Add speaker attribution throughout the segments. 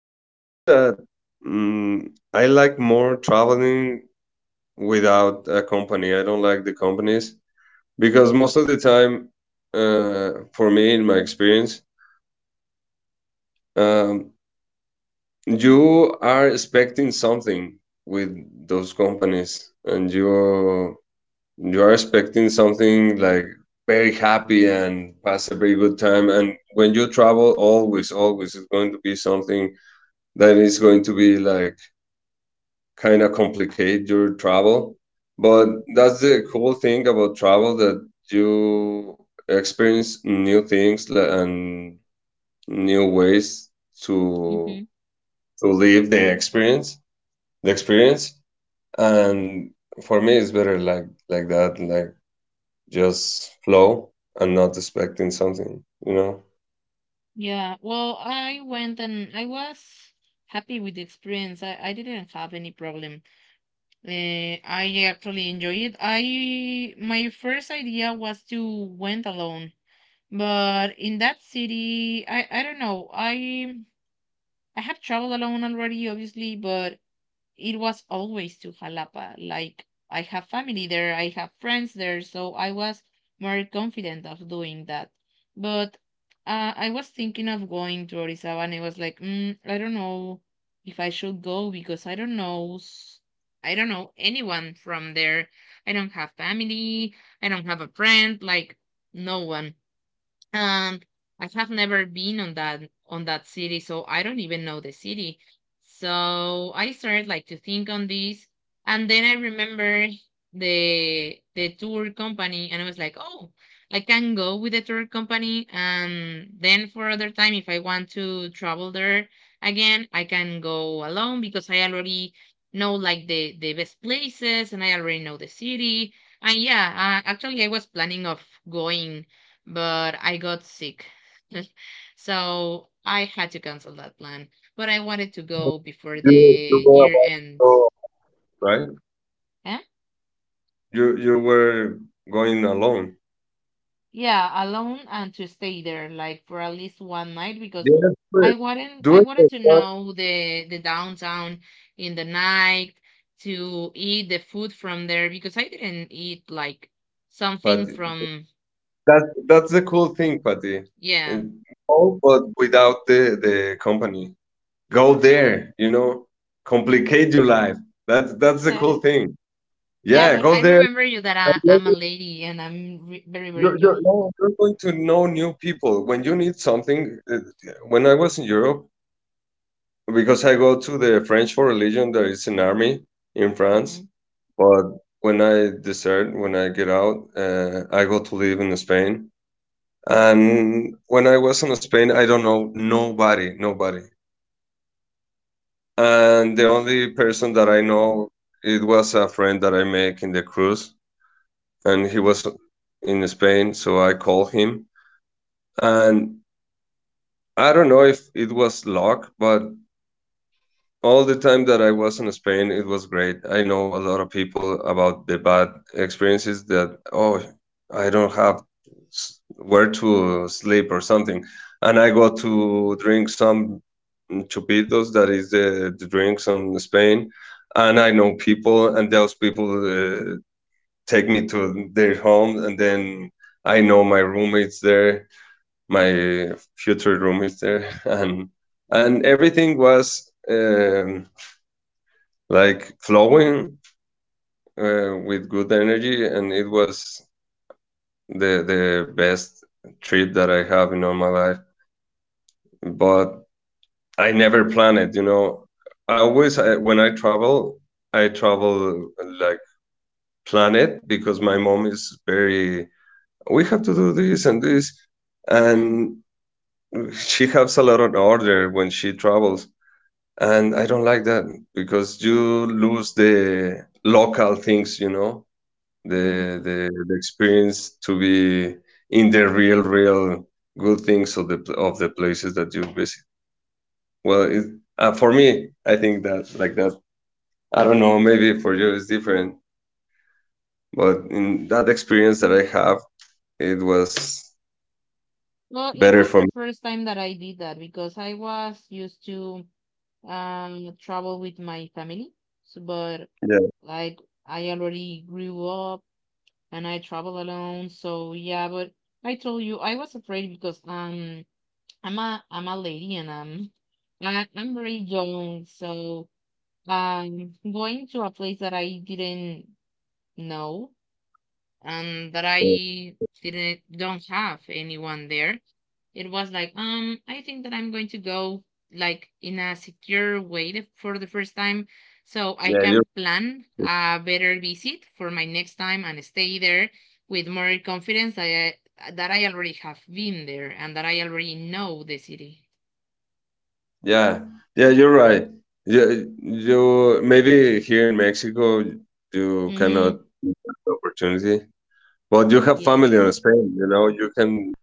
Speaker 1: I was telling you that I like more traveling without a company. I don't like the companies because most of the time, for me, in my experience, um, you are expecting something with those companies, and you are expecting something like very happy and pass a very good time. And when you travel, always, always is going to be something that is going to be like kind of complicate your travel. But that's the cool thing about travel that you experience new things and new ways to
Speaker 2: Mm-hmm.
Speaker 1: to live the experience, the experience. And For me, it's better like that, like just flow and not expecting something, you know.
Speaker 2: Yeah. Well, I went and I was happy with the experience. I didn't have any problem. I actually enjoyed it. I My first idea was to went alone, but in that city, I don't know. I have traveled alone already, obviously, but it was always to Jalapa. Like I have family there, I have friends there, so I was more confident of doing that. But I was thinking of going to Orizaba, and I was like, I don't know if I should go because I don't know. I don't know anyone from there. I don't have family. I don't have a friend. Like no one. And I have never been on that city, so I don't even know the city. So I started like to think on this, and then I remember the tour company, and I was like, oh, I can go with the tour company, and then for other time, if I want to travel there again, I can go alone because I already know like the best places, and I already know the city. And yeah, actually, I was planning of going but I got sick. So I had to cancel that plan. But I wanted to go before
Speaker 1: You
Speaker 2: the
Speaker 1: go
Speaker 2: year
Speaker 1: about
Speaker 2: end.
Speaker 1: so, right?
Speaker 2: Eh?
Speaker 1: You were going alone.
Speaker 2: Yeah, alone and to stay there like for at least one night because
Speaker 1: Yes, but
Speaker 2: I wanted
Speaker 1: do
Speaker 2: I
Speaker 1: it like
Speaker 2: wanted to
Speaker 1: that.
Speaker 2: know the downtown in the night to eat the food from there because I didn't eat like something
Speaker 1: But
Speaker 2: from,
Speaker 1: that's the cool thing, Patty.
Speaker 2: yeah.
Speaker 1: And go, but without the company. Go there, you know, complicate your life. That's the cool thing.
Speaker 2: Yeah,
Speaker 1: Yeah,
Speaker 2: but
Speaker 1: go
Speaker 2: I
Speaker 1: there.
Speaker 2: remember you that
Speaker 1: And
Speaker 2: I'm a lady and I'm very very
Speaker 1: You're
Speaker 2: young.
Speaker 1: no, You're going to know new people. When you need something, when I was in Europe, because I go to the French for religion, there is an army in France.
Speaker 2: Mm-hmm.
Speaker 1: But when I desert, when I get out, I go to live in Spain. And when I was in Spain, I don't know nobody, nobody. And the only person that I know, it was a friend that I make in the cruise, and he was in Spain, so I called him. And I don't know if it was luck, but all the time that I was in Spain, it was great. I know a lot of people about the bad experiences that, oh, I don't have where to sleep or something. And I go to drink some chupitos, that is the drinks in Spain. And I know people, and those people take me to their home, and then I know my roommates there, my future roommates there, and everything was. Like flowing with good energy and it was the best trip that I have in all my life, but I never plan it, you know. When I travel, I travel like plan it because my mom is very, we have to do this and this.
Speaker 2: Mm,
Speaker 1: And she has a lot of order when she travels, and I don't like that because you lose the local things, you know, the
Speaker 2: mhm.
Speaker 1: the the experience to be in the real good things of of the places that you visit. well it, for me, I think that like that. I don't know, maybe for you it's different, but in that experience that I have, it was
Speaker 2: Well, it
Speaker 1: better
Speaker 2: was
Speaker 1: for
Speaker 2: the
Speaker 1: me.
Speaker 2: first time that I did that because I was used to travel with my family. So, but
Speaker 1: yeah
Speaker 2: like I already grew up and I travel alone. So yeah, but I told you I was afraid because I'm a lady and I'm very young. So going to a place that I didn't know and that
Speaker 1: yeah
Speaker 2: I didn't don't have anyone there. It was like I think that I'm going to go like in a secure way for the first time so I
Speaker 1: yeah,
Speaker 2: can
Speaker 1: you're,
Speaker 2: plan a better visit for my next time and stay there with more confidence that I already have been there and that I already know the city.
Speaker 1: yeah yeah you're right. Yeah. You maybe here in Mexico, you cannot
Speaker 2: Mm-hmm.
Speaker 1: opportunity, but you have family in
Speaker 2: Yes.
Speaker 1: Spain, you know, you can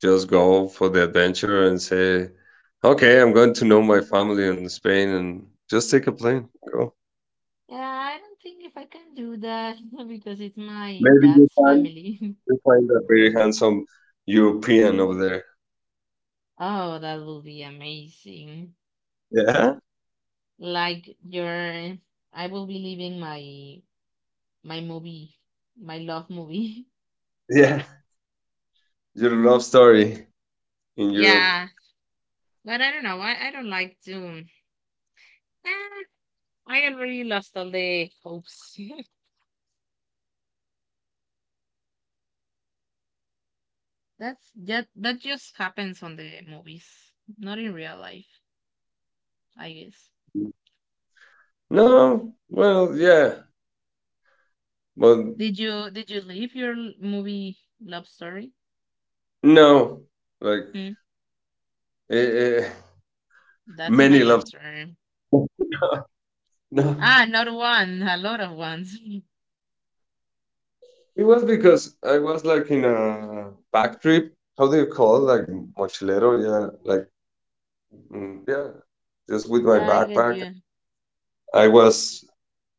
Speaker 1: just go for the adventure and say, okay, I'm going to know my family in Spain and just take a plane. Go.
Speaker 2: Yeah, I don't think if I can do that. Because it's my
Speaker 1: Maybe you
Speaker 2: dad's
Speaker 1: find,
Speaker 2: family.
Speaker 1: you find a very handsome European over there.
Speaker 2: Oh, that will be amazing.
Speaker 1: Yeah,
Speaker 2: Like your, I will be leaving my movie, my love movie.
Speaker 1: yeah. Your love story in Europe.
Speaker 2: Yeah, but I don't know. I don't like Doom. Eh, I already lost all the hopes. That just happens on the movies, not in real life, I guess.
Speaker 1: No, well, yeah, but
Speaker 2: Did you leave your movie love story?
Speaker 1: no, like
Speaker 2: Hmm?
Speaker 1: eh, eh,
Speaker 2: That's my
Speaker 1: many love.
Speaker 2: answer.
Speaker 1: No,
Speaker 2: Ah, not one, a lot of ones.
Speaker 1: it was because I was like in a back trip. How do you call it? Like mochilero? Yeah, like yeah, just with my
Speaker 2: I get
Speaker 1: backpack.
Speaker 2: you.
Speaker 1: I was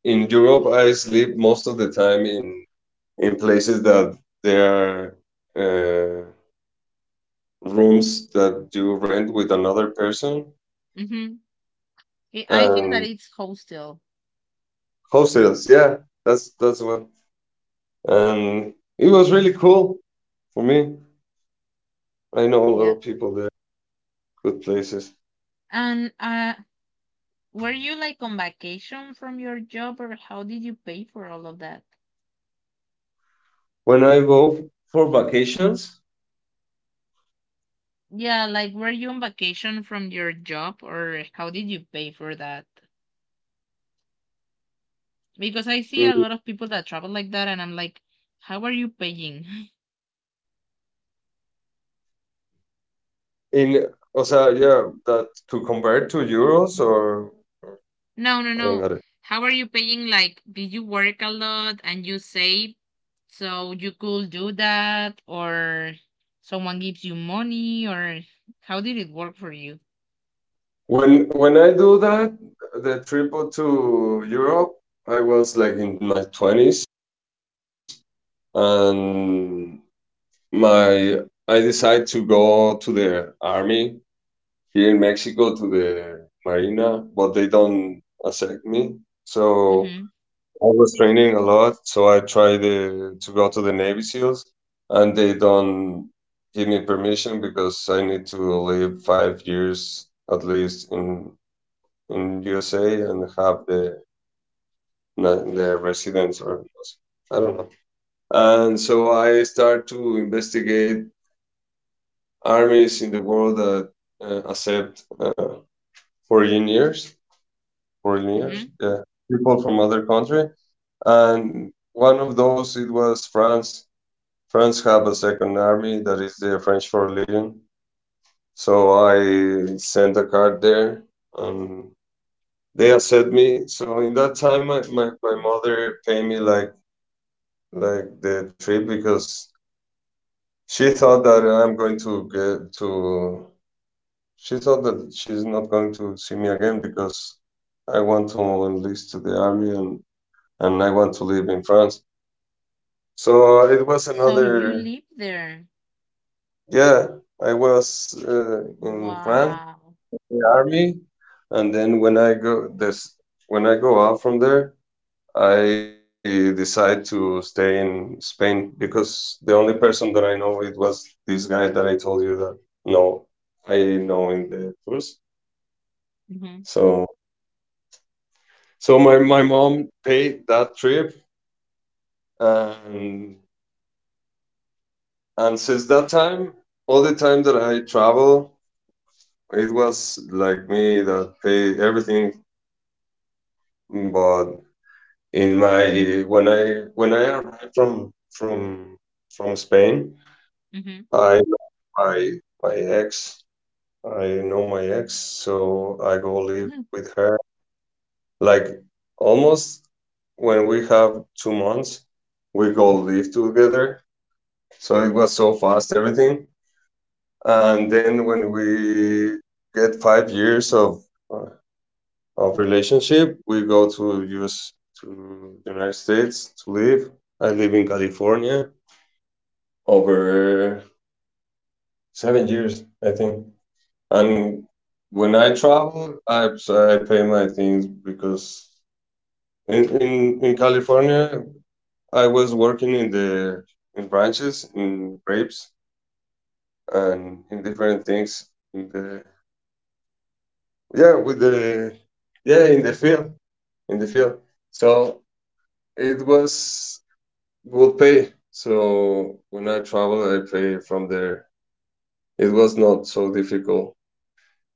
Speaker 1: in Europe. I sleep most of the time in places that there are uh, rooms that you rent with another person
Speaker 2: Mm-hmm. I think that
Speaker 1: and
Speaker 2: it's hostel.
Speaker 1: hostels. Yeah, that's what. And it was really cool for me. I know a lot
Speaker 2: Yeah.
Speaker 1: of people there, good places.
Speaker 2: And were you like on vacation from your job or how did you pay for all of that?
Speaker 1: When I go for vacations,
Speaker 2: Yeah, like were you on vacation from your job or how did you pay for that? Because I see a
Speaker 1: mm,
Speaker 2: lot of people that travel like that and I'm like, how are you paying?
Speaker 1: in, o sea, yeah, that to convert to euros or
Speaker 2: No,
Speaker 1: I
Speaker 2: no,
Speaker 1: don't got
Speaker 2: no.
Speaker 1: it.
Speaker 2: How are you paying? Like, did you work a lot and you save so you could do that or someone gives you money or how did it work for you?
Speaker 1: When I do that, the trip to Europe, I was like in my twenties, and my I decided to go to the army here in Mexico to the marina, but they don't accept me. So
Speaker 2: Mm-hmm.
Speaker 1: I was training a lot, so I tried to go to the Navy SEALs, and they don't give me permission because I need to live 5 years at least in USA and have the residence or I don't know. And so I start to investigate armies in the world that accept foreigners, foreigners,
Speaker 2: Mm-hmm.
Speaker 1: yeah, people from other country. And one of those it was France. France have a second army that is the French Foreign Legion. So I sent a card there and they accept me. So in that time, my mother paid me like the trip because she thought that I'm going to get to. She thought that she's not going to see me again because I want to enlist to the army and I want to live in France. So it was
Speaker 2: So you
Speaker 1: another.
Speaker 2: live there.
Speaker 1: Yeah, I was in France,
Speaker 2: Wow.
Speaker 1: the army, and then when I go out from there. I decided to stay in Spain because the only person that I know it was this guy that I told you that no, I know in the tours.
Speaker 2: Mhm,
Speaker 1: So so my mom paid that trip and and since that time, all the time that I travel, it was like me that paid everything. But in my when I arrived from Spain,
Speaker 2: mhm.
Speaker 1: I met my my ex, I know my ex, so I go live
Speaker 2: Mhm.
Speaker 1: with her. Like almost when we have 2 months, we go live together. So it was so fast, everything. And then when we get 5 years uh, of relationship, we go to US to the United States to live. I live in California over 7 years, I think. And when I travel, I so I pay my things because in California, I was working in the in branches, in grapes, and in different things. In the yeah, with the yeah, in the field, in the field. So it was good pay. So when I travel, I pay from there. It was not so difficult.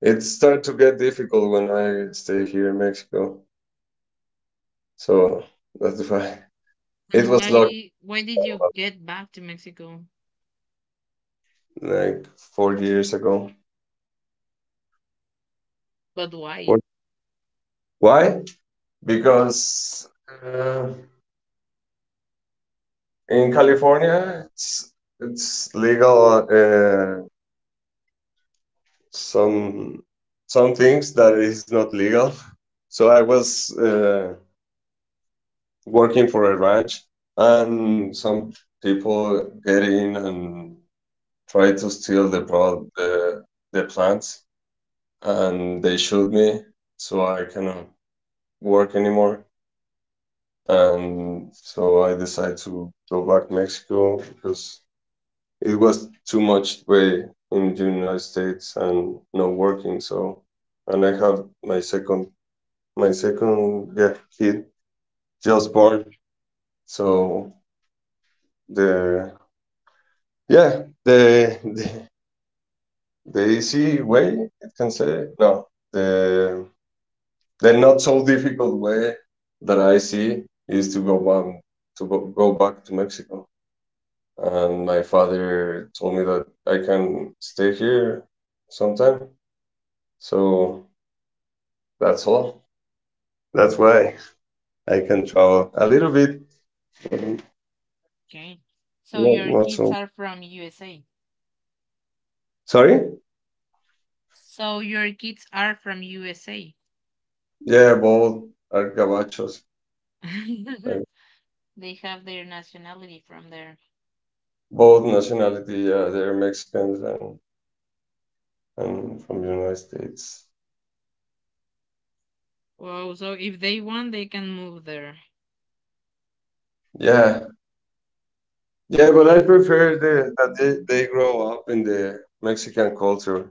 Speaker 1: It started to get difficult when I stay here in Mexico. So that's why it
Speaker 2: And
Speaker 1: was locked
Speaker 2: why did you get back to Mexico?
Speaker 1: like 4 years ago.
Speaker 2: But
Speaker 1: What?
Speaker 2: why?
Speaker 1: Why? Because uh, in California, it's legal some some things that is not legal. So I was working for a ranch, and some people get in and try to steal the plants, and they shoot me. So I cannot work anymore. And so I decided to go back to Mexico because it was too much way in the United States and not working. And I have my second, yeah, kid just born. So the, yeah, the easy way, I can say, no, the, the not so difficult way that I see is to go back, to go back to Mexico. And my father told me that I can stay here sometime. So that's all. That's why I can travel a little bit, but
Speaker 2: Okay. So
Speaker 1: not,
Speaker 2: your
Speaker 1: not
Speaker 2: kids
Speaker 1: so.
Speaker 2: are from USA.
Speaker 1: Sorry?
Speaker 2: So your kids are from USA.
Speaker 1: Yeah, both are gabachos. Like,
Speaker 2: They have their nationality from there.
Speaker 1: Both nationality, yeah, they're Mexicans and from United States.
Speaker 2: Wow, so if they want, they can move there.
Speaker 1: Yeah, yeah, but I prefer the, that they grow up in the Mexican culture,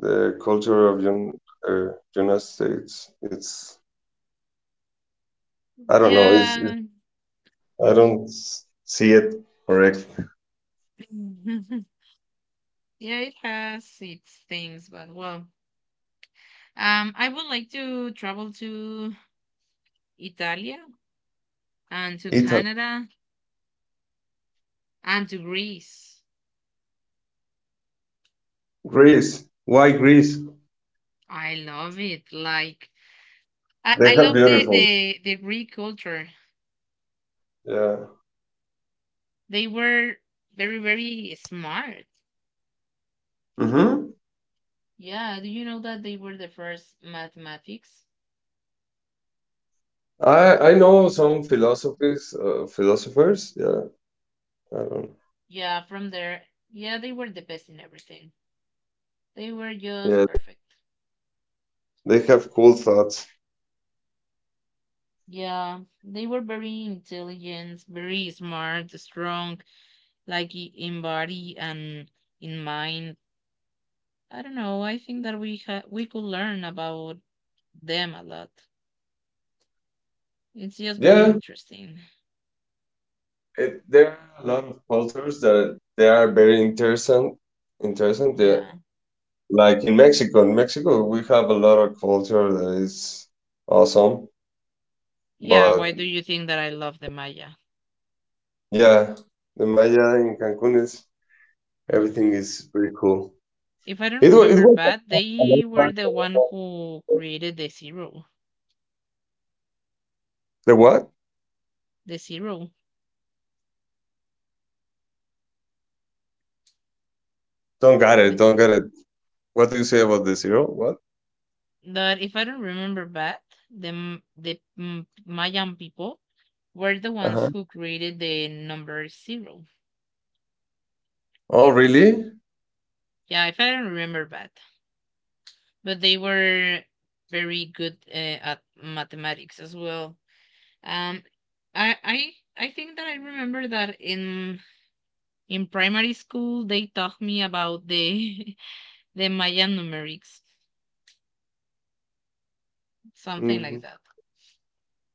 Speaker 1: the culture of Un, uh, United States. It's
Speaker 2: Mhm.
Speaker 1: I don't know.
Speaker 2: Yeah.
Speaker 1: I don't see it correct.
Speaker 2: Yeah, it has its things, but well, I would like to travel to Italia and to
Speaker 1: Italy,
Speaker 2: Canada and to Greece.
Speaker 1: Greece. Why Greece?
Speaker 2: I love it. Like I,
Speaker 1: They
Speaker 2: I
Speaker 1: have
Speaker 2: love the,
Speaker 1: beautiful.
Speaker 2: the the Greek culture.
Speaker 1: Yeah.
Speaker 2: They were very very smart.
Speaker 1: Hmm.
Speaker 2: Yeah, do you know that they were the first mathematics?
Speaker 1: I know some philosophies, philosophers. Yeah. I don't.
Speaker 2: Yeah, from there. Yeah, they were the best in everything. They were just
Speaker 1: Yeah.
Speaker 2: perfect.
Speaker 1: They have cool thoughts.
Speaker 2: Yeah, they were very intelligent, very smart, strong, like in body and in mind. I don't know. I think that we could learn about them a lot. It's just very
Speaker 1: Yeah.
Speaker 2: interesting.
Speaker 1: It, there are a lot of cultures that they are very interesting. Interesting. Yeah.
Speaker 2: Yeah.
Speaker 1: Like in Mexico. In Mexico, we have a lot of culture that is awesome.
Speaker 2: Yeah.
Speaker 1: But
Speaker 2: Why do you think that I love the Maya?
Speaker 1: yeah, the Maya in Cancun is. Everything is pretty cool.
Speaker 2: If I don't
Speaker 1: It
Speaker 2: remember
Speaker 1: was
Speaker 2: bad, they were the one who created the zero.
Speaker 1: the what?
Speaker 2: The zero.
Speaker 1: Don't got it.
Speaker 2: The,
Speaker 1: Don't got it. What do you say about the zero? What?
Speaker 2: that, if I don't remember bad, the Mayan people were the
Speaker 1: Uh
Speaker 2: ones
Speaker 1: huh.
Speaker 2: who created the number zero.
Speaker 1: Oh, really?
Speaker 2: Yeah, if I don't remember bad, but they were very good at mathematics as well. Um, I I I think that I remember that in primary school, they taught me about the the Mayan numerics, something
Speaker 1: Hmm.
Speaker 2: like that.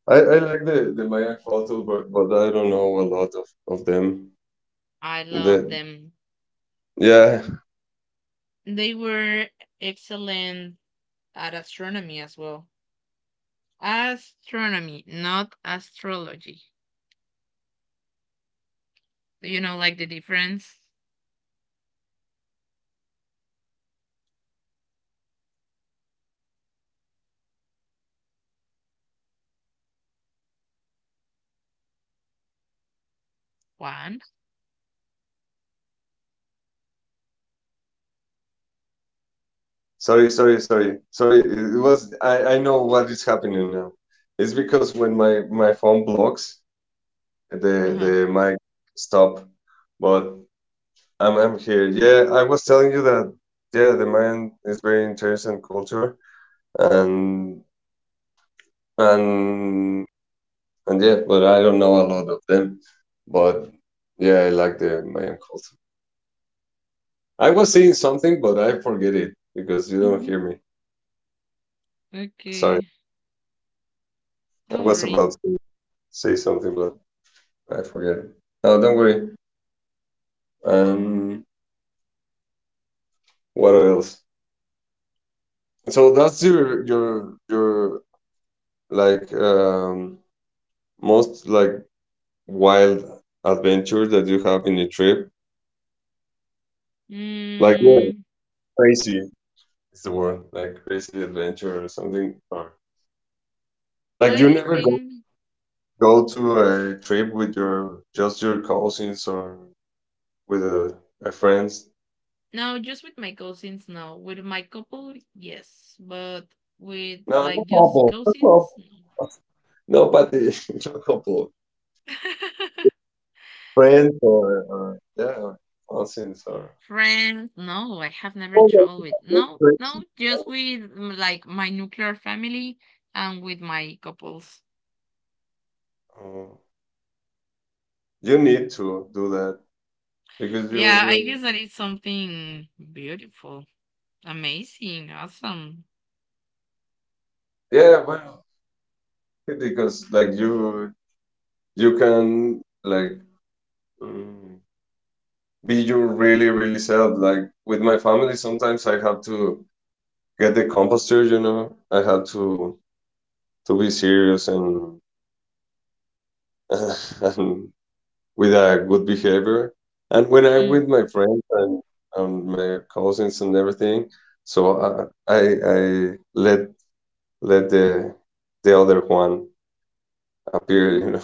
Speaker 1: I like the Maya culture, but I don't know a lot of them.
Speaker 2: I love
Speaker 1: The
Speaker 2: them.
Speaker 1: yeah.
Speaker 2: They were excellent at astronomy as well. Astronomy, not astrology. Do you know like the difference? One.
Speaker 1: Sorry, sorry, sorry, sorry. It was I know what is happening now. It's because when my phone blocks, the
Speaker 2: Uh huh.
Speaker 1: the mic stop. But I'm here. Yeah, I was telling you that yeah, the Mayan is very interesting culture and and and yeah, but I don't know a lot of them. But yeah, I like the Mayan culture. I was saying something, but I forget it because you don't hear me. Sorry.
Speaker 2: Okay.
Speaker 1: I
Speaker 2: Don't
Speaker 1: was
Speaker 2: worry.
Speaker 1: about to say something, but I forget it. No, don't worry. Um, what else? So that's your your like most like wild adventure that you have in a trip? Like, yeah,
Speaker 2: Mm,
Speaker 1: crazy is the word, like crazy adventure or something. Or like you
Speaker 2: I
Speaker 1: never go
Speaker 2: think
Speaker 1: go to a trip with your just your cousins or with a friends.
Speaker 2: no, just with my cousins. No, with my couple, yes, but with
Speaker 1: No, no
Speaker 2: like just
Speaker 1: couple, no
Speaker 2: cousins.
Speaker 1: couple,
Speaker 2: No.
Speaker 1: nobody, no couple, friends or yeah, or cousins or.
Speaker 2: Friends, no, I have never
Speaker 1: Oh,
Speaker 2: traveled with
Speaker 1: that's
Speaker 2: no,
Speaker 1: crazy.
Speaker 2: no, just with like my nuclear family and with my couples.
Speaker 1: Oh, you need to do that because you,
Speaker 2: Yeah, I
Speaker 1: you
Speaker 2: guess that is something beautiful, amazing, awesome.
Speaker 1: yeah, well. Because like you can like mm, be your really really self. Like with my family sometimes I have to get the composture. I have to be serious and and with a good behavior, and when I'm
Speaker 2: Mm.
Speaker 1: with my friends and my cousins and everything, so I let let the the other one appear you
Speaker 2: Mhm.
Speaker 1: know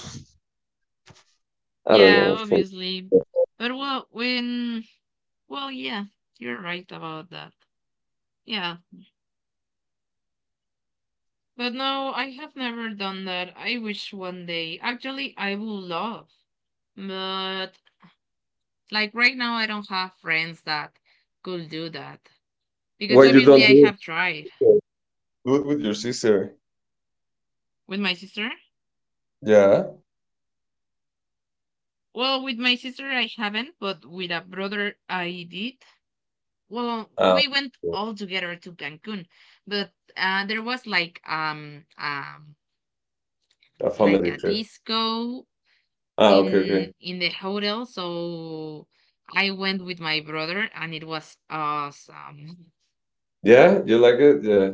Speaker 1: I don't
Speaker 2: Yeah,
Speaker 1: know for
Speaker 2: obviously. But well, yeah, you're right about that. Yeah. But no, I have never done that. I wish one day. Actually, I would love. But like right now, I don't have friends that could do that because
Speaker 1: why you
Speaker 2: obviously
Speaker 1: don't
Speaker 2: I
Speaker 1: do
Speaker 2: have tried
Speaker 1: it. Good with your sister.
Speaker 2: with my sister.
Speaker 1: Yeah.
Speaker 2: Well, with my sister, I haven't, but with a brother, I did. Well,
Speaker 1: Ah,
Speaker 2: we went all together to Cancun, but there was
Speaker 1: a
Speaker 2: like
Speaker 1: family
Speaker 2: a
Speaker 1: trip.
Speaker 2: disco
Speaker 1: Ah, okay,
Speaker 2: in
Speaker 1: okay.
Speaker 2: in the hotel, so I went with my brother, and it was awesome.
Speaker 1: Yeah, you like it? Yeah.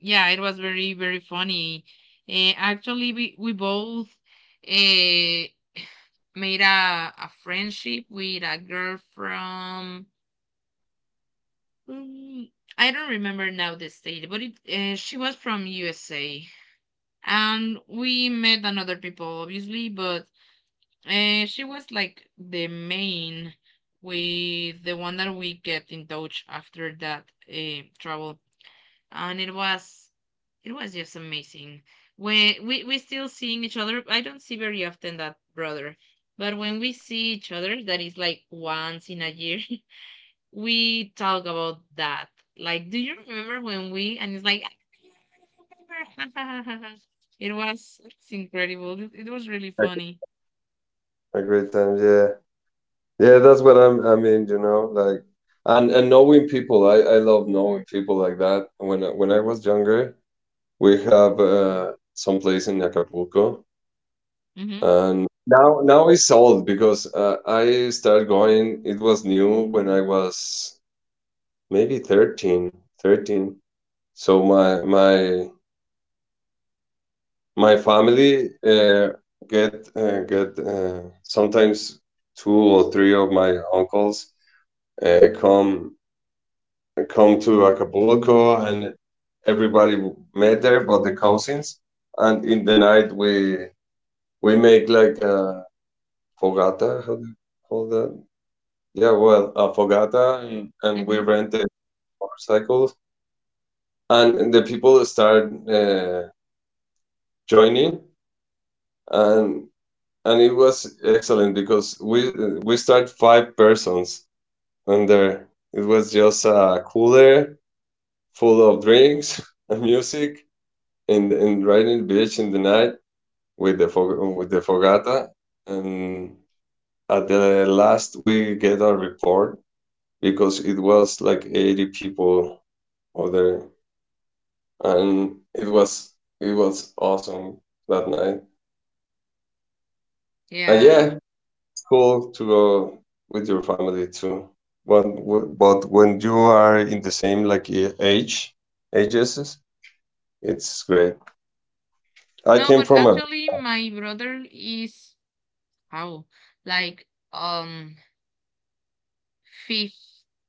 Speaker 2: Yeah, it was very very funny. Actually, we both uh, made a friendship with a girl from, mm, I don't remember now the state, but it she was from USA, and we met another people obviously, but she was like the main, with the one that we kept in touch after that travel, and it was just amazing. We still seeing each other. I don't see very often that brother, but when we see each other, that is like once in a year, we talk about that. Like, do you remember when we? And it's like, "I remember." it's incredible. It was really funny.
Speaker 1: A great time, yeah. Yeah, that's what I mean, you know, like, and knowing people. I love knowing people like that. When I was younger, we have some place in Acapulco,
Speaker 2: Mhm.
Speaker 1: and now it's old because I started going, it was new when I was maybe 13, 13. So my family get sometimes two or three of my uncles uh, come come to Acapulco, and everybody met there, but the cousins. And in the night we make like a fogata. How do you call that? Yeah, well, a fogata, and we
Speaker 2: Mhm.
Speaker 1: rent the motorcycles, and the people start joining, and it was excellent because we start five persons, and there it was just a cooler full of drinks and music, and riding the beach in the night with the fogata, and at the last we get a report because it was like 80 people over there, and it was awesome that night. And
Speaker 2: Yeah.
Speaker 1: yeah, cool to go with your family too. But when you are in the same, like, age, ages, it's great. I
Speaker 2: No,
Speaker 1: came
Speaker 2: but
Speaker 1: from a.
Speaker 2: actually, my brother is how like um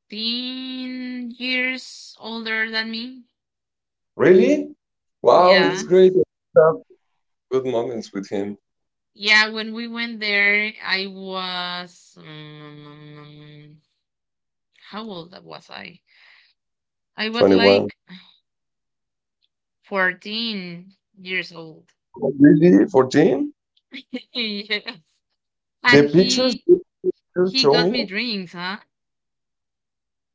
Speaker 2: 15 years older than me.
Speaker 1: Really? Wow, it's great.
Speaker 2: Yes.
Speaker 1: Have good moments with him.
Speaker 2: Yeah, when we went there, I was how old was I? I was
Speaker 1: 21.
Speaker 2: like 14 years old.
Speaker 1: Oh, really? 14?
Speaker 2: Yes. And
Speaker 1: The pictures
Speaker 2: he
Speaker 1: you
Speaker 2: he
Speaker 1: show
Speaker 2: got me
Speaker 1: me?
Speaker 2: drinks, huh?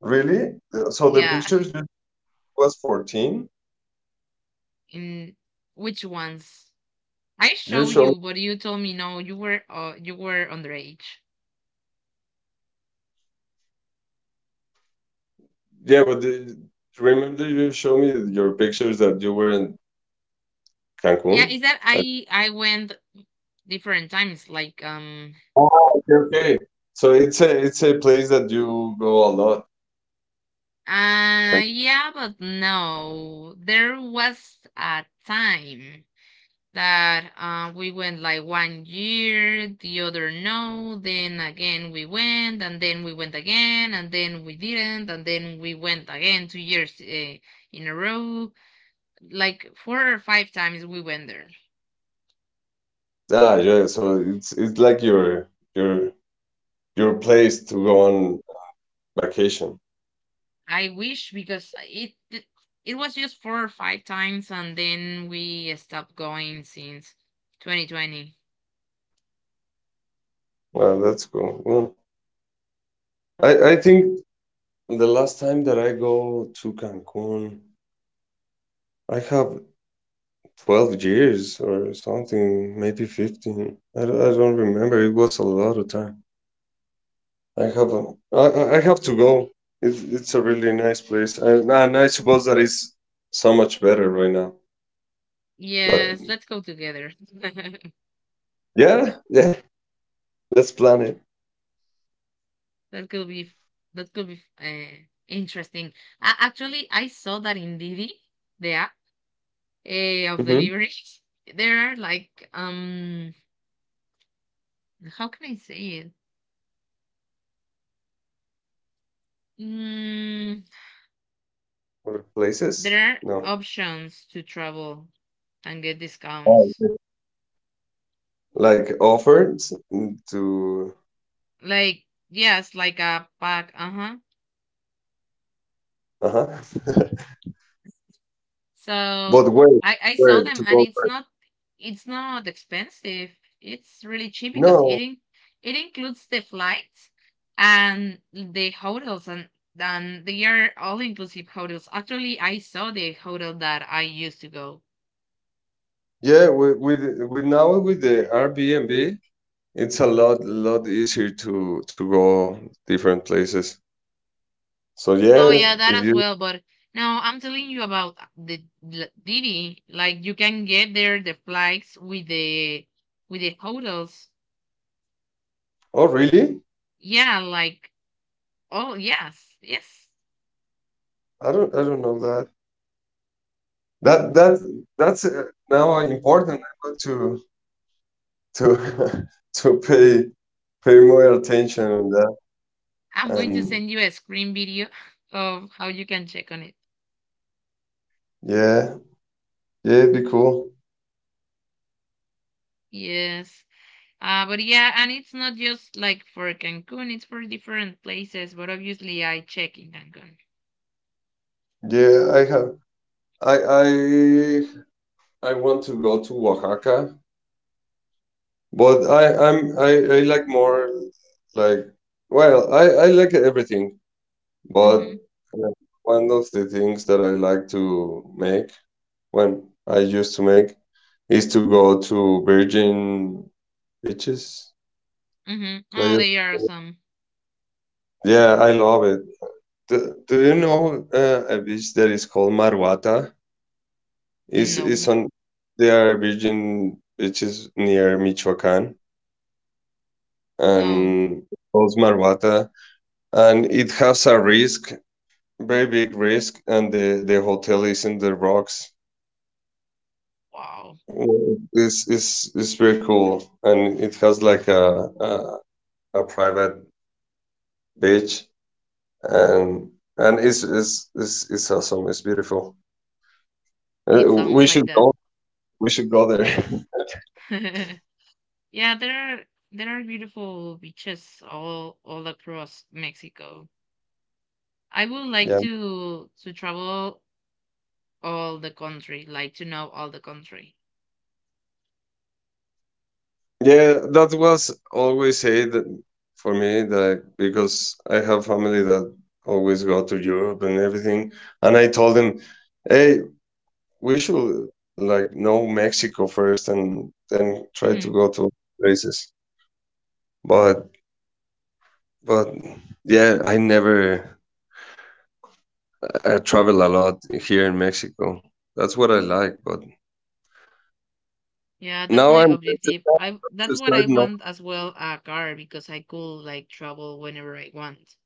Speaker 1: Really? So the
Speaker 2: Yeah.
Speaker 1: pictures you was 14?
Speaker 2: In which ones? I
Speaker 1: You
Speaker 2: show
Speaker 1: show me,
Speaker 2: you, but you told me no, you were underage.
Speaker 1: yeah, but the, remember you show me your pictures that you were in
Speaker 2: Yeah,
Speaker 1: Cancun?
Speaker 2: is that I went different times like
Speaker 1: Oh, okay, okay. So it's a place that you go a lot. Okay.
Speaker 2: yeah, but no. There was a time that we went like one year, the other no, then again we went and then we went again and then we didn't and then we went again 2 years in a row. Like four or five times we went there.
Speaker 1: Ah, yeah. So it's like your your place to go on vacation.
Speaker 2: I wish because it was just four or five times and then we stopped going since 2020.
Speaker 1: Wow, that's cool. Mm. I think the last time that I go to Cancun, I have 12 years or something, maybe 15. I don't remember. It was a lot of time. I have a, I have to go. It's a really nice place, and I suppose that it's so much better right now. But
Speaker 2: Yes, let's go together. That
Speaker 1: yeah, yeah, let's plan it.
Speaker 2: could be interesting. Actually, I saw that in Didi, the app of
Speaker 1: Hmm.
Speaker 2: deliveries, there are like how can I say it? Mm,
Speaker 1: Or places?
Speaker 2: there are
Speaker 1: No.
Speaker 2: options to travel and get
Speaker 1: Oh,
Speaker 2: discounts.
Speaker 1: okay. Like offered to.
Speaker 2: Like, yes, like a pack. Uh-huh.
Speaker 1: Uh-huh.
Speaker 2: So
Speaker 1: But where?
Speaker 2: I saw
Speaker 1: Where
Speaker 2: them
Speaker 1: to
Speaker 2: and
Speaker 1: go?
Speaker 2: it's not expensive. It's really cheap because it
Speaker 1: No.
Speaker 2: in, it includes the flights and the hotels, and they are all inclusive hotels. Actually, I saw the hotel that I used to go.
Speaker 1: Yeah, with now with the Airbnb, it's a lot lot easier to go different places. So
Speaker 2: Oh
Speaker 1: yeah,
Speaker 2: yeah, that
Speaker 1: if
Speaker 2: as
Speaker 1: you.
Speaker 2: well. But no, I'm telling you about the Didi. Like you can get there the flights with the hotels.
Speaker 1: Oh, really?
Speaker 2: Yeah, like. Oh, yes, yes.
Speaker 1: I don't know that. That that that's now important. I want to to to pay more attention on that.
Speaker 2: I'm going to
Speaker 1: And
Speaker 2: send you a screen video of how you can check on it.
Speaker 1: yeah, yeah, it'd be cool.
Speaker 2: Yes. But yeah, and it's not just like for Cancun, it's for different places. But obviously, I check in Cancun.
Speaker 1: Yeah, I have. I I I want to go to Oaxaca, but I like more, like, well, I like everything, but
Speaker 2: Mm-hmm.
Speaker 1: uh, one of the things that I like to make when I used to make is to go to Virgin Beaches,
Speaker 2: Mm-hmm. Oh,
Speaker 1: playas.
Speaker 2: they are some.
Speaker 1: Yeah, I love it. Do you know a beach that is called Marwata? Is
Speaker 2: No,
Speaker 1: on, there are virgin beaches near Michoacán
Speaker 2: no.
Speaker 1: and called Marwata, and it has a risk, very big risk, and the hotel is in the rocks.
Speaker 2: Wow.
Speaker 1: Well, it's very cool, and it has like a private beach, and it's awesome. It's beautiful. Uh,
Speaker 2: It sounds
Speaker 1: we
Speaker 2: like
Speaker 1: should
Speaker 2: that.
Speaker 1: go. We should go there.
Speaker 2: Yeah, there are beautiful beaches all across Mexico. I would like
Speaker 1: Yeah.
Speaker 2: to travel all the country, like to know all the country.
Speaker 1: Yeah, that was always said for me, that because I have family that always go to Europe and everything, and I told them, "Hey, we should, like, know Mexico first and then try to
Speaker 2: Hmm.
Speaker 1: go to places." But but yeah, I never, I travel a lot here in Mexico. That's what I like. But
Speaker 2: Yeah, that's
Speaker 1: now
Speaker 2: my
Speaker 1: I'm
Speaker 2: objective. I That's
Speaker 1: to
Speaker 2: what I
Speaker 1: start now.
Speaker 2: want as well a car because I could like travel whenever I want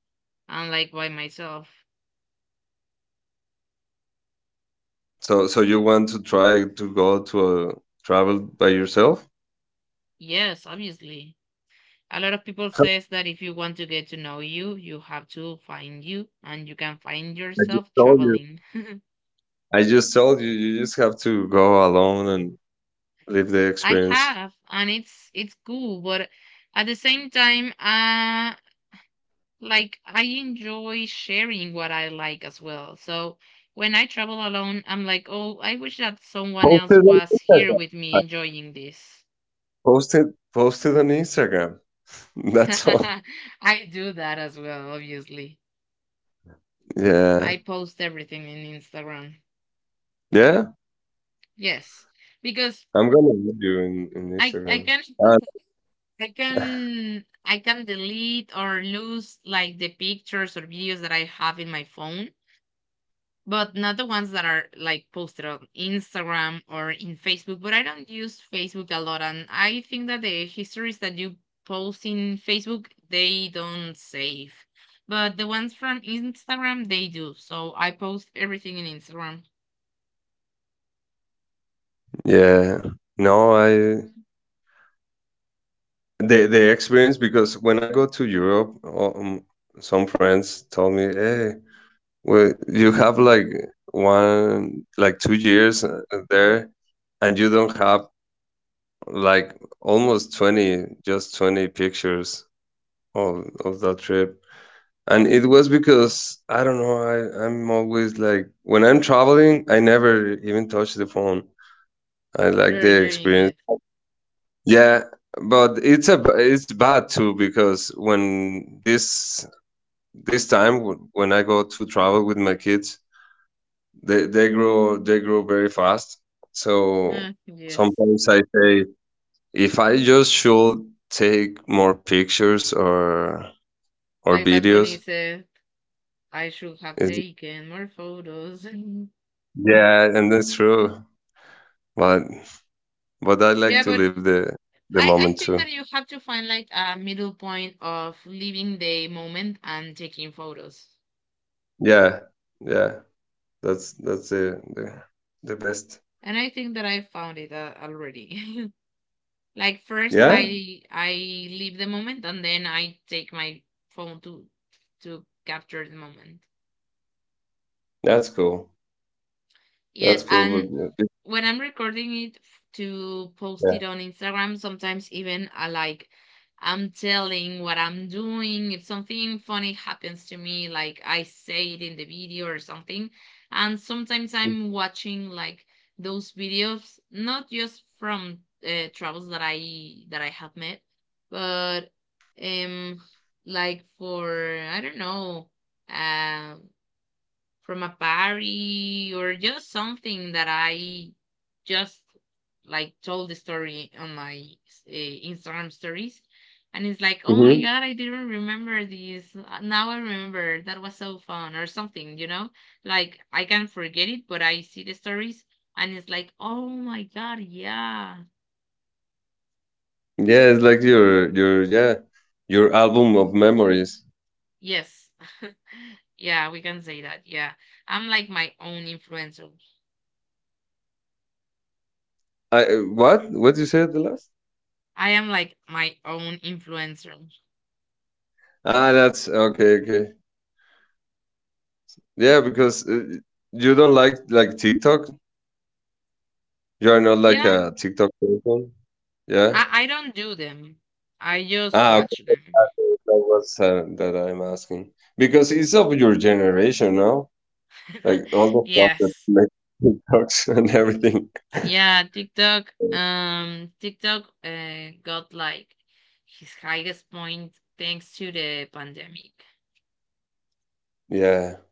Speaker 2: and like by myself.
Speaker 1: So you want to try to go travel by yourself?
Speaker 2: Yes, obviously. A lot of people says that if you want to get to know you, you have to find you and you can find
Speaker 1: I just
Speaker 2: yourself
Speaker 1: told you.
Speaker 2: traveling.
Speaker 1: I just told you. You just have to go alone and live the
Speaker 2: I
Speaker 1: experience.
Speaker 2: have, and it's cool, but at the same time, like I enjoy sharing what I like as well. So when I travel alone, I'm like, oh, I wish that someone
Speaker 1: Post it
Speaker 2: else
Speaker 1: on
Speaker 2: was here
Speaker 1: Instagram.
Speaker 2: with
Speaker 1: I
Speaker 2: me enjoying this.
Speaker 1: Post it. Post it on Instagram. That's all.
Speaker 2: I do that as well, obviously.
Speaker 1: Yeah.
Speaker 2: I post everything in Instagram.
Speaker 1: Yeah.
Speaker 2: Yes, because
Speaker 1: I'm gonna add you in,
Speaker 2: I
Speaker 1: Instagram.
Speaker 2: can
Speaker 1: Uh,
Speaker 2: I can delete or lose like the pictures or videos that I have in my phone, but not the ones that are like posted on Instagram or in Facebook. But I don't use Facebook a lot, and I think that the histories that you post in Facebook they don't save, but the ones from Instagram they do. So I post everything in Instagram.
Speaker 1: yeah. No, I, the experience because when I go to Europe, some friends told me, "Hey, well, you have like one, like, 2 years there, and you don't have like almost 20, just 20 pictures of, that trip. And it was because I don't know, I'm always like when I'm traveling, I never even touch the phone. I like
Speaker 2: You're
Speaker 1: the
Speaker 2: enjoying
Speaker 1: experience.
Speaker 2: it,
Speaker 1: Yeah, but it's bad too because when this time when I go to travel with my kids, they grow, they grow very fast. So
Speaker 2: ah yes.
Speaker 1: sometimes I say, if I just should take more pictures or
Speaker 2: Like Bad
Speaker 1: videos,
Speaker 2: Bunny said, I should have
Speaker 1: it's,
Speaker 2: taken more photos.
Speaker 1: yeah, and that's true. But I like
Speaker 2: Yeah,
Speaker 1: to
Speaker 2: but
Speaker 1: live the
Speaker 2: I,
Speaker 1: moment
Speaker 2: I think
Speaker 1: too.
Speaker 2: that you have to find like a middle point of living the moment and taking photos.
Speaker 1: Yeah, yeah, that's the best.
Speaker 2: And I think that I found it already. Like first
Speaker 1: Yeah,
Speaker 2: I leave the moment, and then I take my phone to capture the moment.
Speaker 1: that's cool. That's
Speaker 2: Yes,
Speaker 1: cool.
Speaker 2: and when I'm recording it to post
Speaker 1: Yeah,
Speaker 2: it on Instagram, sometimes even I like I'm telling what I'm doing. If something funny happens to me, like I say it in the video or something. And sometimes I'm watching like those videos, not just from travels that I have met, but um like for I don't know, um from a party or just something that I just like told the story on my Instagram stories. And it's like, oh my
Speaker 1: hmm
Speaker 2: God, I didn't remember this. Now I remember that was so fun or something, you know? Like I can forget it, but I see the stories and it's like, oh my God, yeah.
Speaker 1: yeah, it's like your, yeah, your album of memories.
Speaker 2: Yes. Yeah, we can say that. Yeah. I'm like my own influencer.
Speaker 1: I, what you said the last?
Speaker 2: I am like my own influencer.
Speaker 1: Ah, that's okay, okay. Yeah, because you don't like TikTok. You're not like
Speaker 2: Yeah,
Speaker 1: a TikTok person? Yeah?
Speaker 2: I don't do them. I just
Speaker 1: Ah,
Speaker 2: watch
Speaker 1: okay.
Speaker 2: them.
Speaker 1: Ah, okay. That was that I'm asking. Because it's of your generation, no? Like all the stuff that
Speaker 2: Yes.
Speaker 1: make TikToks and everything.
Speaker 2: Yeah, TikTok. TikTok got like his highest point thanks to the pandemic.
Speaker 1: Yeah.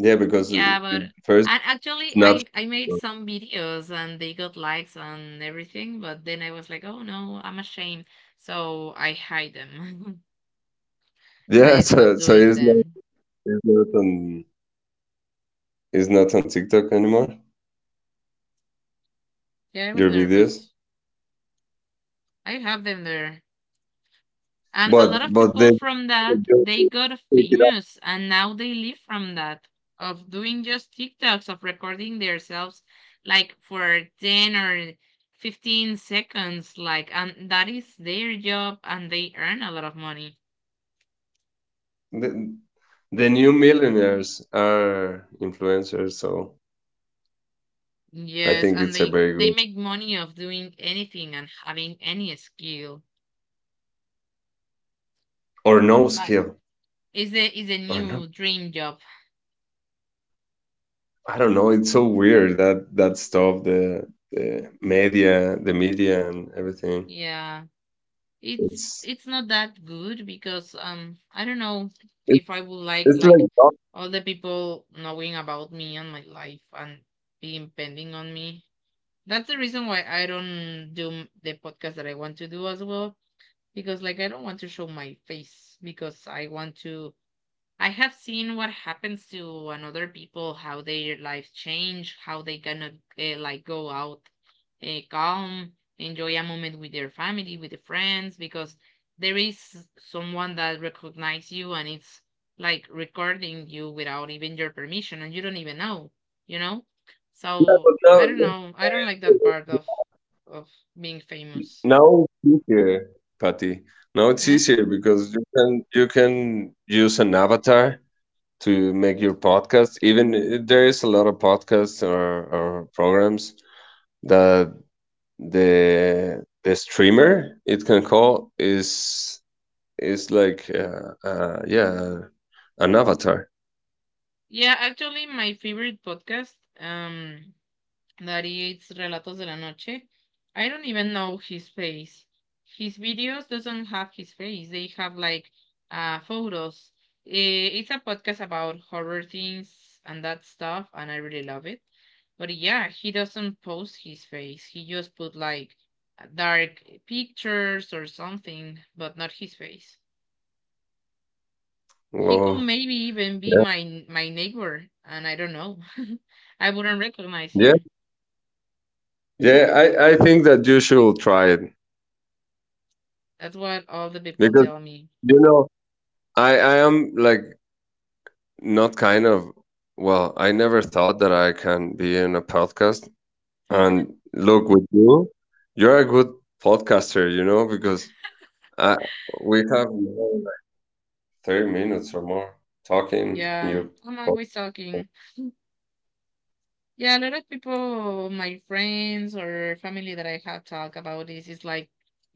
Speaker 1: Yeah, because
Speaker 2: Yeah,
Speaker 1: it
Speaker 2: but
Speaker 1: first
Speaker 2: and actually,
Speaker 1: Snapchat.
Speaker 2: I made some videos and they got likes and everything. But then I was like, oh no, I'm ashamed, so I hide them and I
Speaker 1: Yeah,
Speaker 2: stopped
Speaker 1: so
Speaker 2: doing them.
Speaker 1: it's not on it's not on TikTok anymore,
Speaker 2: Yeah, I was
Speaker 1: your
Speaker 2: nervous.
Speaker 1: videos.
Speaker 2: I have them there. And a lot of
Speaker 1: But
Speaker 2: people
Speaker 1: they pick
Speaker 2: from that they got
Speaker 1: it up.
Speaker 2: famous and now they live from that, of doing just tiktoks, of recording themselves like for 10 or 15 seconds like, and that is their job and they earn a lot of money.
Speaker 1: The, the new millionaires are influencers, so I
Speaker 2: Yes,
Speaker 1: think
Speaker 2: and
Speaker 1: it's a very
Speaker 2: they
Speaker 1: good,
Speaker 2: make money of doing anything and having any skill,
Speaker 1: or no
Speaker 2: like
Speaker 1: skill,
Speaker 2: is a
Speaker 1: or no.
Speaker 2: new dream job.
Speaker 1: I don't know, it's so weird that stuff, the media, and everything.
Speaker 2: Yeah, It's
Speaker 1: It's
Speaker 2: it's not that good because I don't know
Speaker 1: it's,
Speaker 2: if I would
Speaker 1: it's
Speaker 2: like
Speaker 1: like, oh,
Speaker 2: all the people knowing about me and my life and being pending on me. That's the reason why I don't do the podcast that I want to do as well, because like I don't want to show my face because I want to I have seen what happens to another people, how their life change, how they gonna like go out, calm, enjoy a moment with their family, with the friends, because there is someone that recognize you and it's like recording you without even your permission and you don't even know, you know.
Speaker 1: yeah, but
Speaker 2: So I don't know. I don't like that part of being famous.
Speaker 1: now it's easier, Patty, now it's
Speaker 2: Eh?
Speaker 1: easier because you can use an avatar to make your podcast, even there is a lot of podcasts, or, programs that the streamer, it can call is. It's like yeah, an avatar.
Speaker 2: Yeah, actually, my favorite podcast. Um, that it's Relatos de la Noche. I don't even know his face. His videos doesn't have his face. They have like photos. Eh, it's a podcast about horror things and that stuff, and I really love it. But yeah, he doesn't post his face. He just put like dark pictures or something, but not his face. He could
Speaker 1: Oh,
Speaker 2: maybe even be
Speaker 1: yeah,
Speaker 2: my neighbor, and I don't know. I wouldn't recognize
Speaker 1: yeah,
Speaker 2: him.
Speaker 1: yeah. I think that you should try it
Speaker 2: That's what all the people
Speaker 1: because
Speaker 2: tell me.
Speaker 1: you know I am like, not kind of, well, I never thought that I can be in a podcast. And look, with you, you're a good podcaster, you know, because I we have, like, 30 minutes or more talking. In
Speaker 2: Yeah,
Speaker 1: your.
Speaker 2: I'm always talking. Yeah, a lot of people, my friends or family that I have talked about this is like,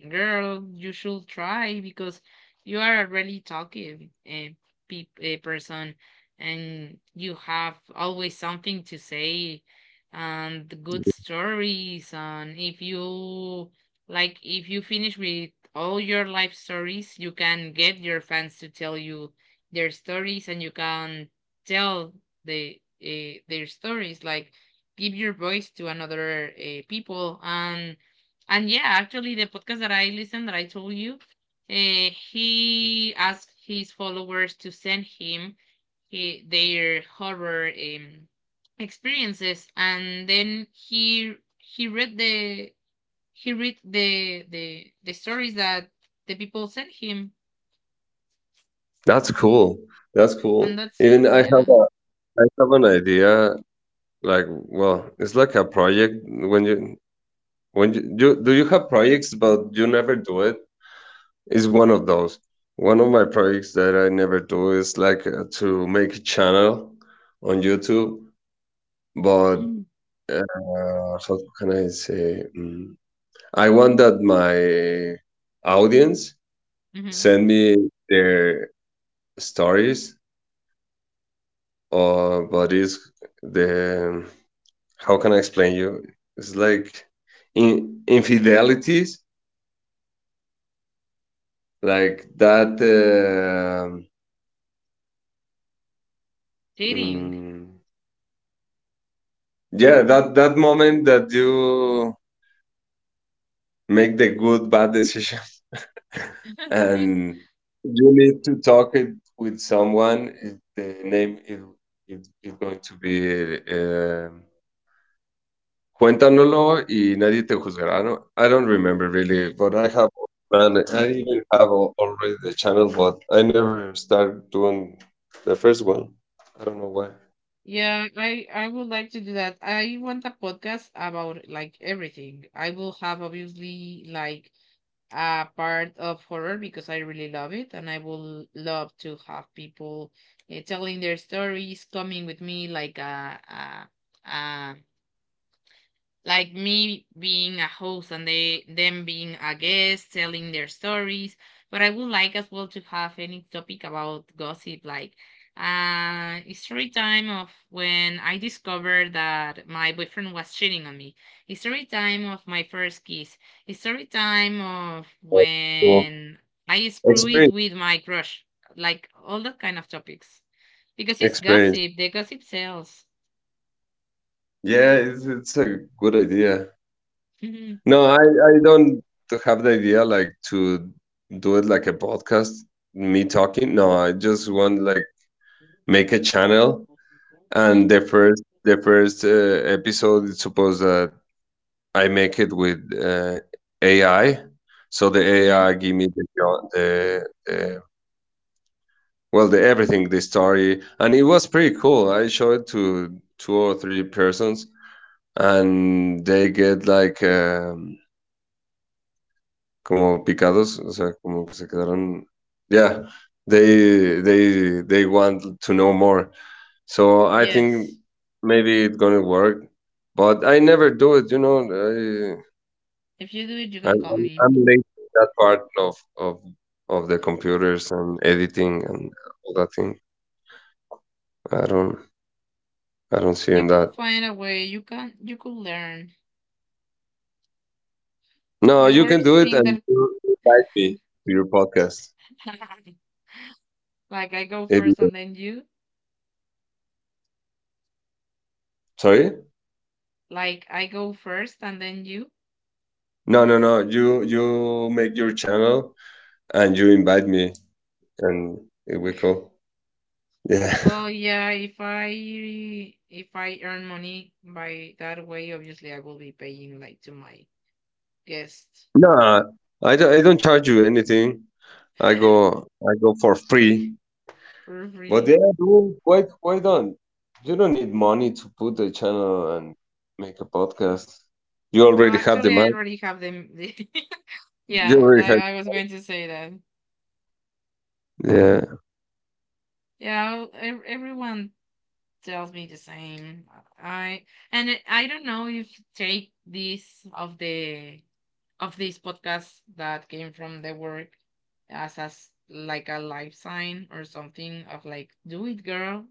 Speaker 2: girl, you should try because you are a really talkative uh, a person and you have always something to say, and the good stories. And if you like, if you finish with all your life stories, you can get your fans to tell you their stories, and you can tell the their stories like give your voice to another people. And yeah, actually the podcast that I listened that I told you, he asked his followers to send him their horror experiences, and then he read the he read the stories that the people sent him,
Speaker 1: That's cool. That's cool.
Speaker 2: and that's it,
Speaker 1: Even
Speaker 2: yeah.
Speaker 1: I have an idea, like, well, it's like a project. When you, when you do, you have projects but you never do it, is one of my projects that I never do is like, to make a channel on YouTube, but how can I say, I want that my audience
Speaker 2: Mm-hmm.
Speaker 1: send me their stories, or, but is the, how can I explain you, it's like in infidelities, like that,
Speaker 2: Dating.
Speaker 1: mm, yeah, that moment that you make the good bad decision and you need to talk it with someone. The name is, it going to be, cuéntanoslo y nadie te juzgará. I don't remember really,
Speaker 2: Hmm.
Speaker 1: but I have, man, I even have already the channel, but I never start doing the first one, I don't know why.
Speaker 2: Yeah, I would like to do that. I want a podcast about like everything. I will have obviously like a part of horror because I really love it, and I will love to have people telling their stories, coming with me like a like me being a host and they them being a guest telling their stories, but I would like as well to have any topic about gossip, like story time of when I discovered that my boyfriend was cheating on me, story time of my first kiss, story time of
Speaker 1: Cool.
Speaker 2: when I screw it
Speaker 1: Experience.
Speaker 2: with my crush, like all that kind of topics because it's
Speaker 1: Experience.
Speaker 2: gossip, the gossip sells.
Speaker 1: Yeah, it's a good idea. No, I don't have the idea like to do it like a podcast, me talking. No, I just want like make a channel,
Speaker 2: Mm-hmm.
Speaker 1: and the first episode is supposed that I make it with AI. So the
Speaker 2: Mm-hmm.
Speaker 1: AI give me the the well, the everything, the story, and it was pretty cool. I showed it to two or three persons, and they get like como picados, o sea, como que se quedaron. Yeah, they want to know more. So I think
Speaker 2: Yes.
Speaker 1: maybe it's gonna work, but I never do it. You know, I
Speaker 2: If you do it, you can call me.
Speaker 1: I'm late in that part of of the computers and editing and all that thing. I don't I don't see
Speaker 2: You
Speaker 1: in
Speaker 2: could
Speaker 1: that.
Speaker 2: find a way. You can. You could learn.
Speaker 1: No,
Speaker 2: The
Speaker 1: you can
Speaker 2: worst
Speaker 1: do it
Speaker 2: thing
Speaker 1: and
Speaker 2: that,
Speaker 1: you invite me to your podcast.
Speaker 2: like, I go
Speaker 1: If
Speaker 2: first
Speaker 1: you-
Speaker 2: and then you.
Speaker 1: Sorry.
Speaker 2: Like, I go first and then you.
Speaker 1: No, no, no. You make your channel, and you invite me, and it we go. Yeah.
Speaker 2: Well, yeah. If I earn money by that way, obviously I will be paying like to my guest.
Speaker 1: No, I don't charge you anything. I go for free.
Speaker 2: For
Speaker 1: But
Speaker 2: free.
Speaker 1: yeah, dude, why don't, you don't need money to put a channel and make a podcast. You
Speaker 2: No,
Speaker 1: already have the
Speaker 2: actually, I
Speaker 1: mic.
Speaker 2: already have them.
Speaker 1: You
Speaker 2: Yeah,
Speaker 1: already have.
Speaker 2: I was going to say that.
Speaker 1: Yeah.
Speaker 2: Yeah, everyone tells me the same. I and I don't know if take this of the of this podcast that came from the work as like a life sign or something of like, do it, girl.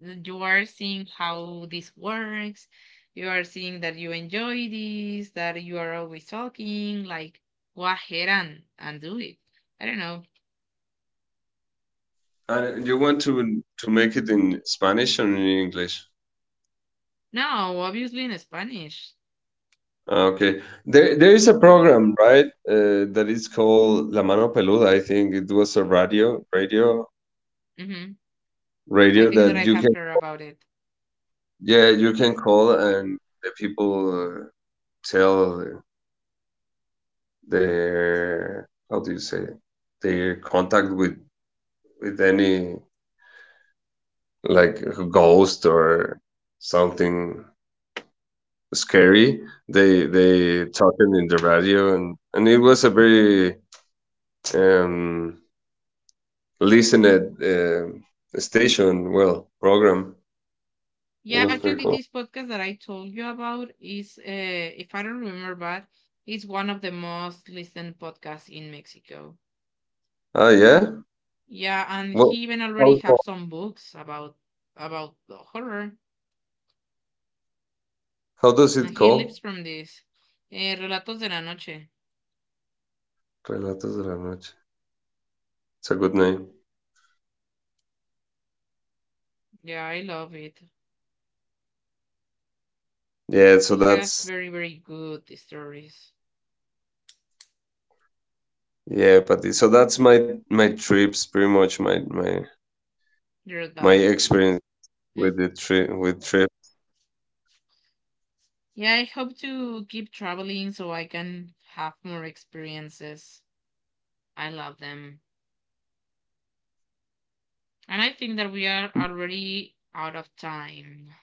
Speaker 2: You are seeing how this works. You are seeing that you enjoy this. That you are always talking. Like go ahead and do it. I don't know.
Speaker 1: And you want to make it in Spanish or in English?
Speaker 2: No, obviously in Spanish.
Speaker 1: Ah, okay. There is a program, right? That is called La Mano Peluda. I think it was a radio,
Speaker 2: Hmm. I think that
Speaker 1: that
Speaker 2: I
Speaker 1: you
Speaker 2: have
Speaker 1: can,
Speaker 2: heard about it.
Speaker 1: yeah, you can call and the people tell their, how do you say it, their contact with any, like a ghost or something scary.
Speaker 2: Mhm.
Speaker 1: They talking in the radio, and it was a very um listened station, well, program. It
Speaker 2: Yeah,
Speaker 1: was pretty
Speaker 2: actually,
Speaker 1: cool.
Speaker 2: this podcast that I told you about is, if I don't remember bad, is one of the most listened podcasts in Mexico.
Speaker 1: Ah, yeah?
Speaker 2: Yeah, and
Speaker 1: Well,
Speaker 2: he even already
Speaker 1: how,
Speaker 2: have some books about the horror,
Speaker 1: how does
Speaker 2: and
Speaker 1: it
Speaker 2: he lives
Speaker 1: call?
Speaker 2: from this. Eh, Relatos de la Noche.
Speaker 1: Relatos de la Noche. It's a good name.
Speaker 2: Yeah, I love it.
Speaker 1: Yeah, so
Speaker 2: He has
Speaker 1: that's
Speaker 2: very very good stories.
Speaker 1: yeah, but so that's my trips, pretty much my
Speaker 2: Dear guys.
Speaker 1: experience with the trip.
Speaker 2: Yeah, I hope to keep traveling so I can have more experiences. I love them. And I think that we are already out of time.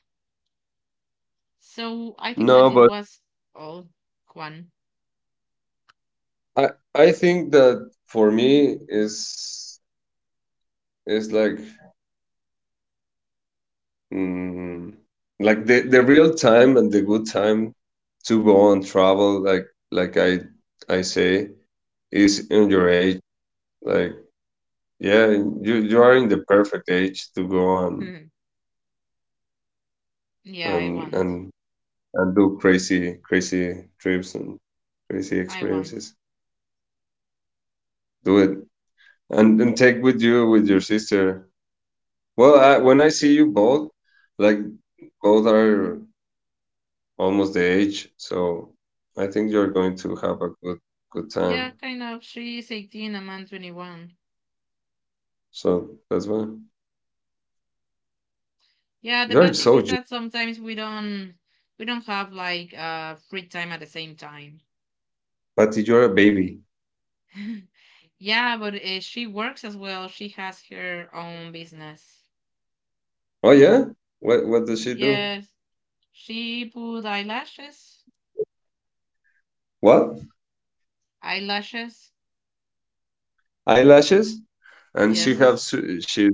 Speaker 2: So I think that
Speaker 1: No,
Speaker 2: this
Speaker 1: but
Speaker 2: was all, Juan.
Speaker 1: I I think that for me is like Mm, like the real time and the good time to go and travel, like, I say,
Speaker 2: Mm-hmm.
Speaker 1: is in your age. Like yeah, you are in the perfect age to go on
Speaker 2: Yeah, I
Speaker 1: and
Speaker 2: want.
Speaker 1: do crazy, crazy trips and crazy
Speaker 2: I want.
Speaker 1: experiences. Do it, and take with your sister. Well, when I see you both, like both are almost the age, so I think you're going to have a good, good time.
Speaker 2: Yeah, kind of. She's 18 and I'm 21.
Speaker 1: So that's why
Speaker 2: Yeah, the
Speaker 1: you're
Speaker 2: bad thing
Speaker 1: so
Speaker 2: is
Speaker 1: young,
Speaker 2: that sometimes we don't have like free time at the same time.
Speaker 1: Patty. You're a baby.
Speaker 2: Yeah, but she works as well. She has her own business.
Speaker 1: Oh, yeah. What does she do?
Speaker 2: Yes, she put eyelashes.
Speaker 1: What,
Speaker 2: Eyelashes.
Speaker 1: eyelashes? And she have
Speaker 2: Yes.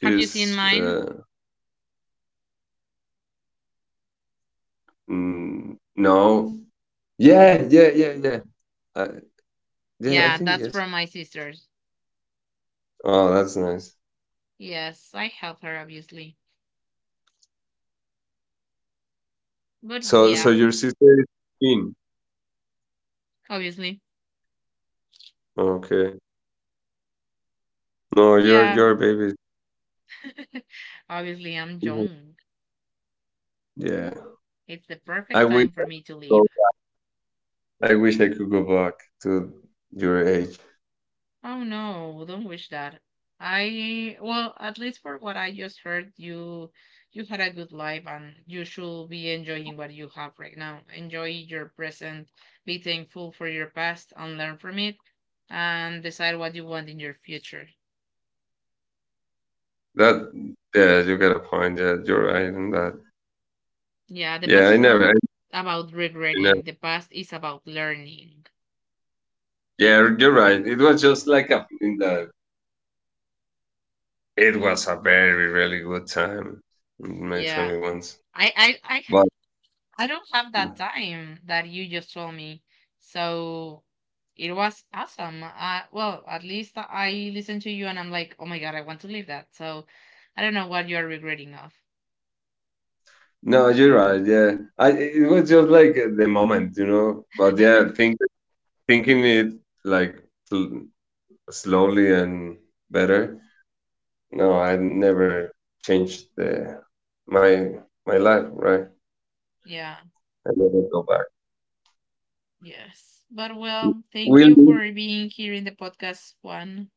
Speaker 2: Have you seen mine?
Speaker 1: no. Yeah, yeah, yeah, yeah. I, yeah, I
Speaker 2: Yeah,
Speaker 1: think
Speaker 2: that's
Speaker 1: yes.
Speaker 2: from my sister's.
Speaker 1: Oh, that's nice.
Speaker 2: Yes, I help her obviously. But
Speaker 1: So
Speaker 2: yeah,
Speaker 1: your sister is 15.
Speaker 2: obviously.
Speaker 1: Okay. No,
Speaker 2: Yeah.
Speaker 1: you're a baby.
Speaker 2: Obviously, I'm
Speaker 1: Mhm.
Speaker 2: young.
Speaker 1: Yeah.
Speaker 2: It's the
Speaker 1: I
Speaker 2: perfect
Speaker 1: wish.
Speaker 2: time for me to leave.
Speaker 1: I wish I could go back to your age.
Speaker 2: Oh no, well, don't wish that. I well, at least for what I just heard, you had a good life and you should be enjoying what you have right now. Enjoy your present, be thankful for your past and learn from it, and decide what you want in your future.
Speaker 1: That yeah, you got a point. Yeah, you're right in that.
Speaker 2: Yeah, the
Speaker 1: Yeah,
Speaker 2: past
Speaker 1: I
Speaker 2: is not
Speaker 1: never, I
Speaker 2: about
Speaker 1: never.
Speaker 2: regretting. The past is about learning.
Speaker 1: Yeah, you're right. It was just like a in that. It was a very really good time in my
Speaker 2: Yeah.
Speaker 1: twenty ones.
Speaker 2: I I I
Speaker 1: But
Speaker 2: I don't have that time that you just told me. So it was awesome. Well, at least I listened to you and I'm like, oh my God, I want to leave that. So I don't know what you're regretting of.
Speaker 1: no, you're right. Yeah, I it was just like the moment. But yeah, thinking it like fl- slowly and better. No, I never changed the my my life, right?
Speaker 2: Yeah,
Speaker 1: I never go back.
Speaker 2: yes. But well, thank you
Speaker 1: Really,
Speaker 2: for being here in the podcast one.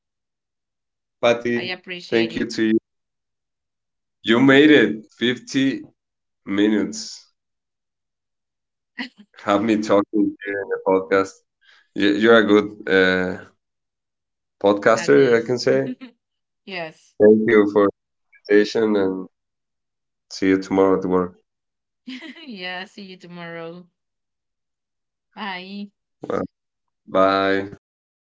Speaker 2: I
Speaker 1: Patty,
Speaker 2: appreciate
Speaker 1: thank you
Speaker 2: it
Speaker 1: to you. You made it 50 minutes. Have me talking here in the podcast. You're a good
Speaker 2: at
Speaker 1: podcaster, I can
Speaker 2: this.
Speaker 1: say.
Speaker 2: Yes.
Speaker 1: Thank you for the invitation and see you tomorrow at work.
Speaker 2: Yeah, see you tomorrow. Bye.
Speaker 1: Well, bye.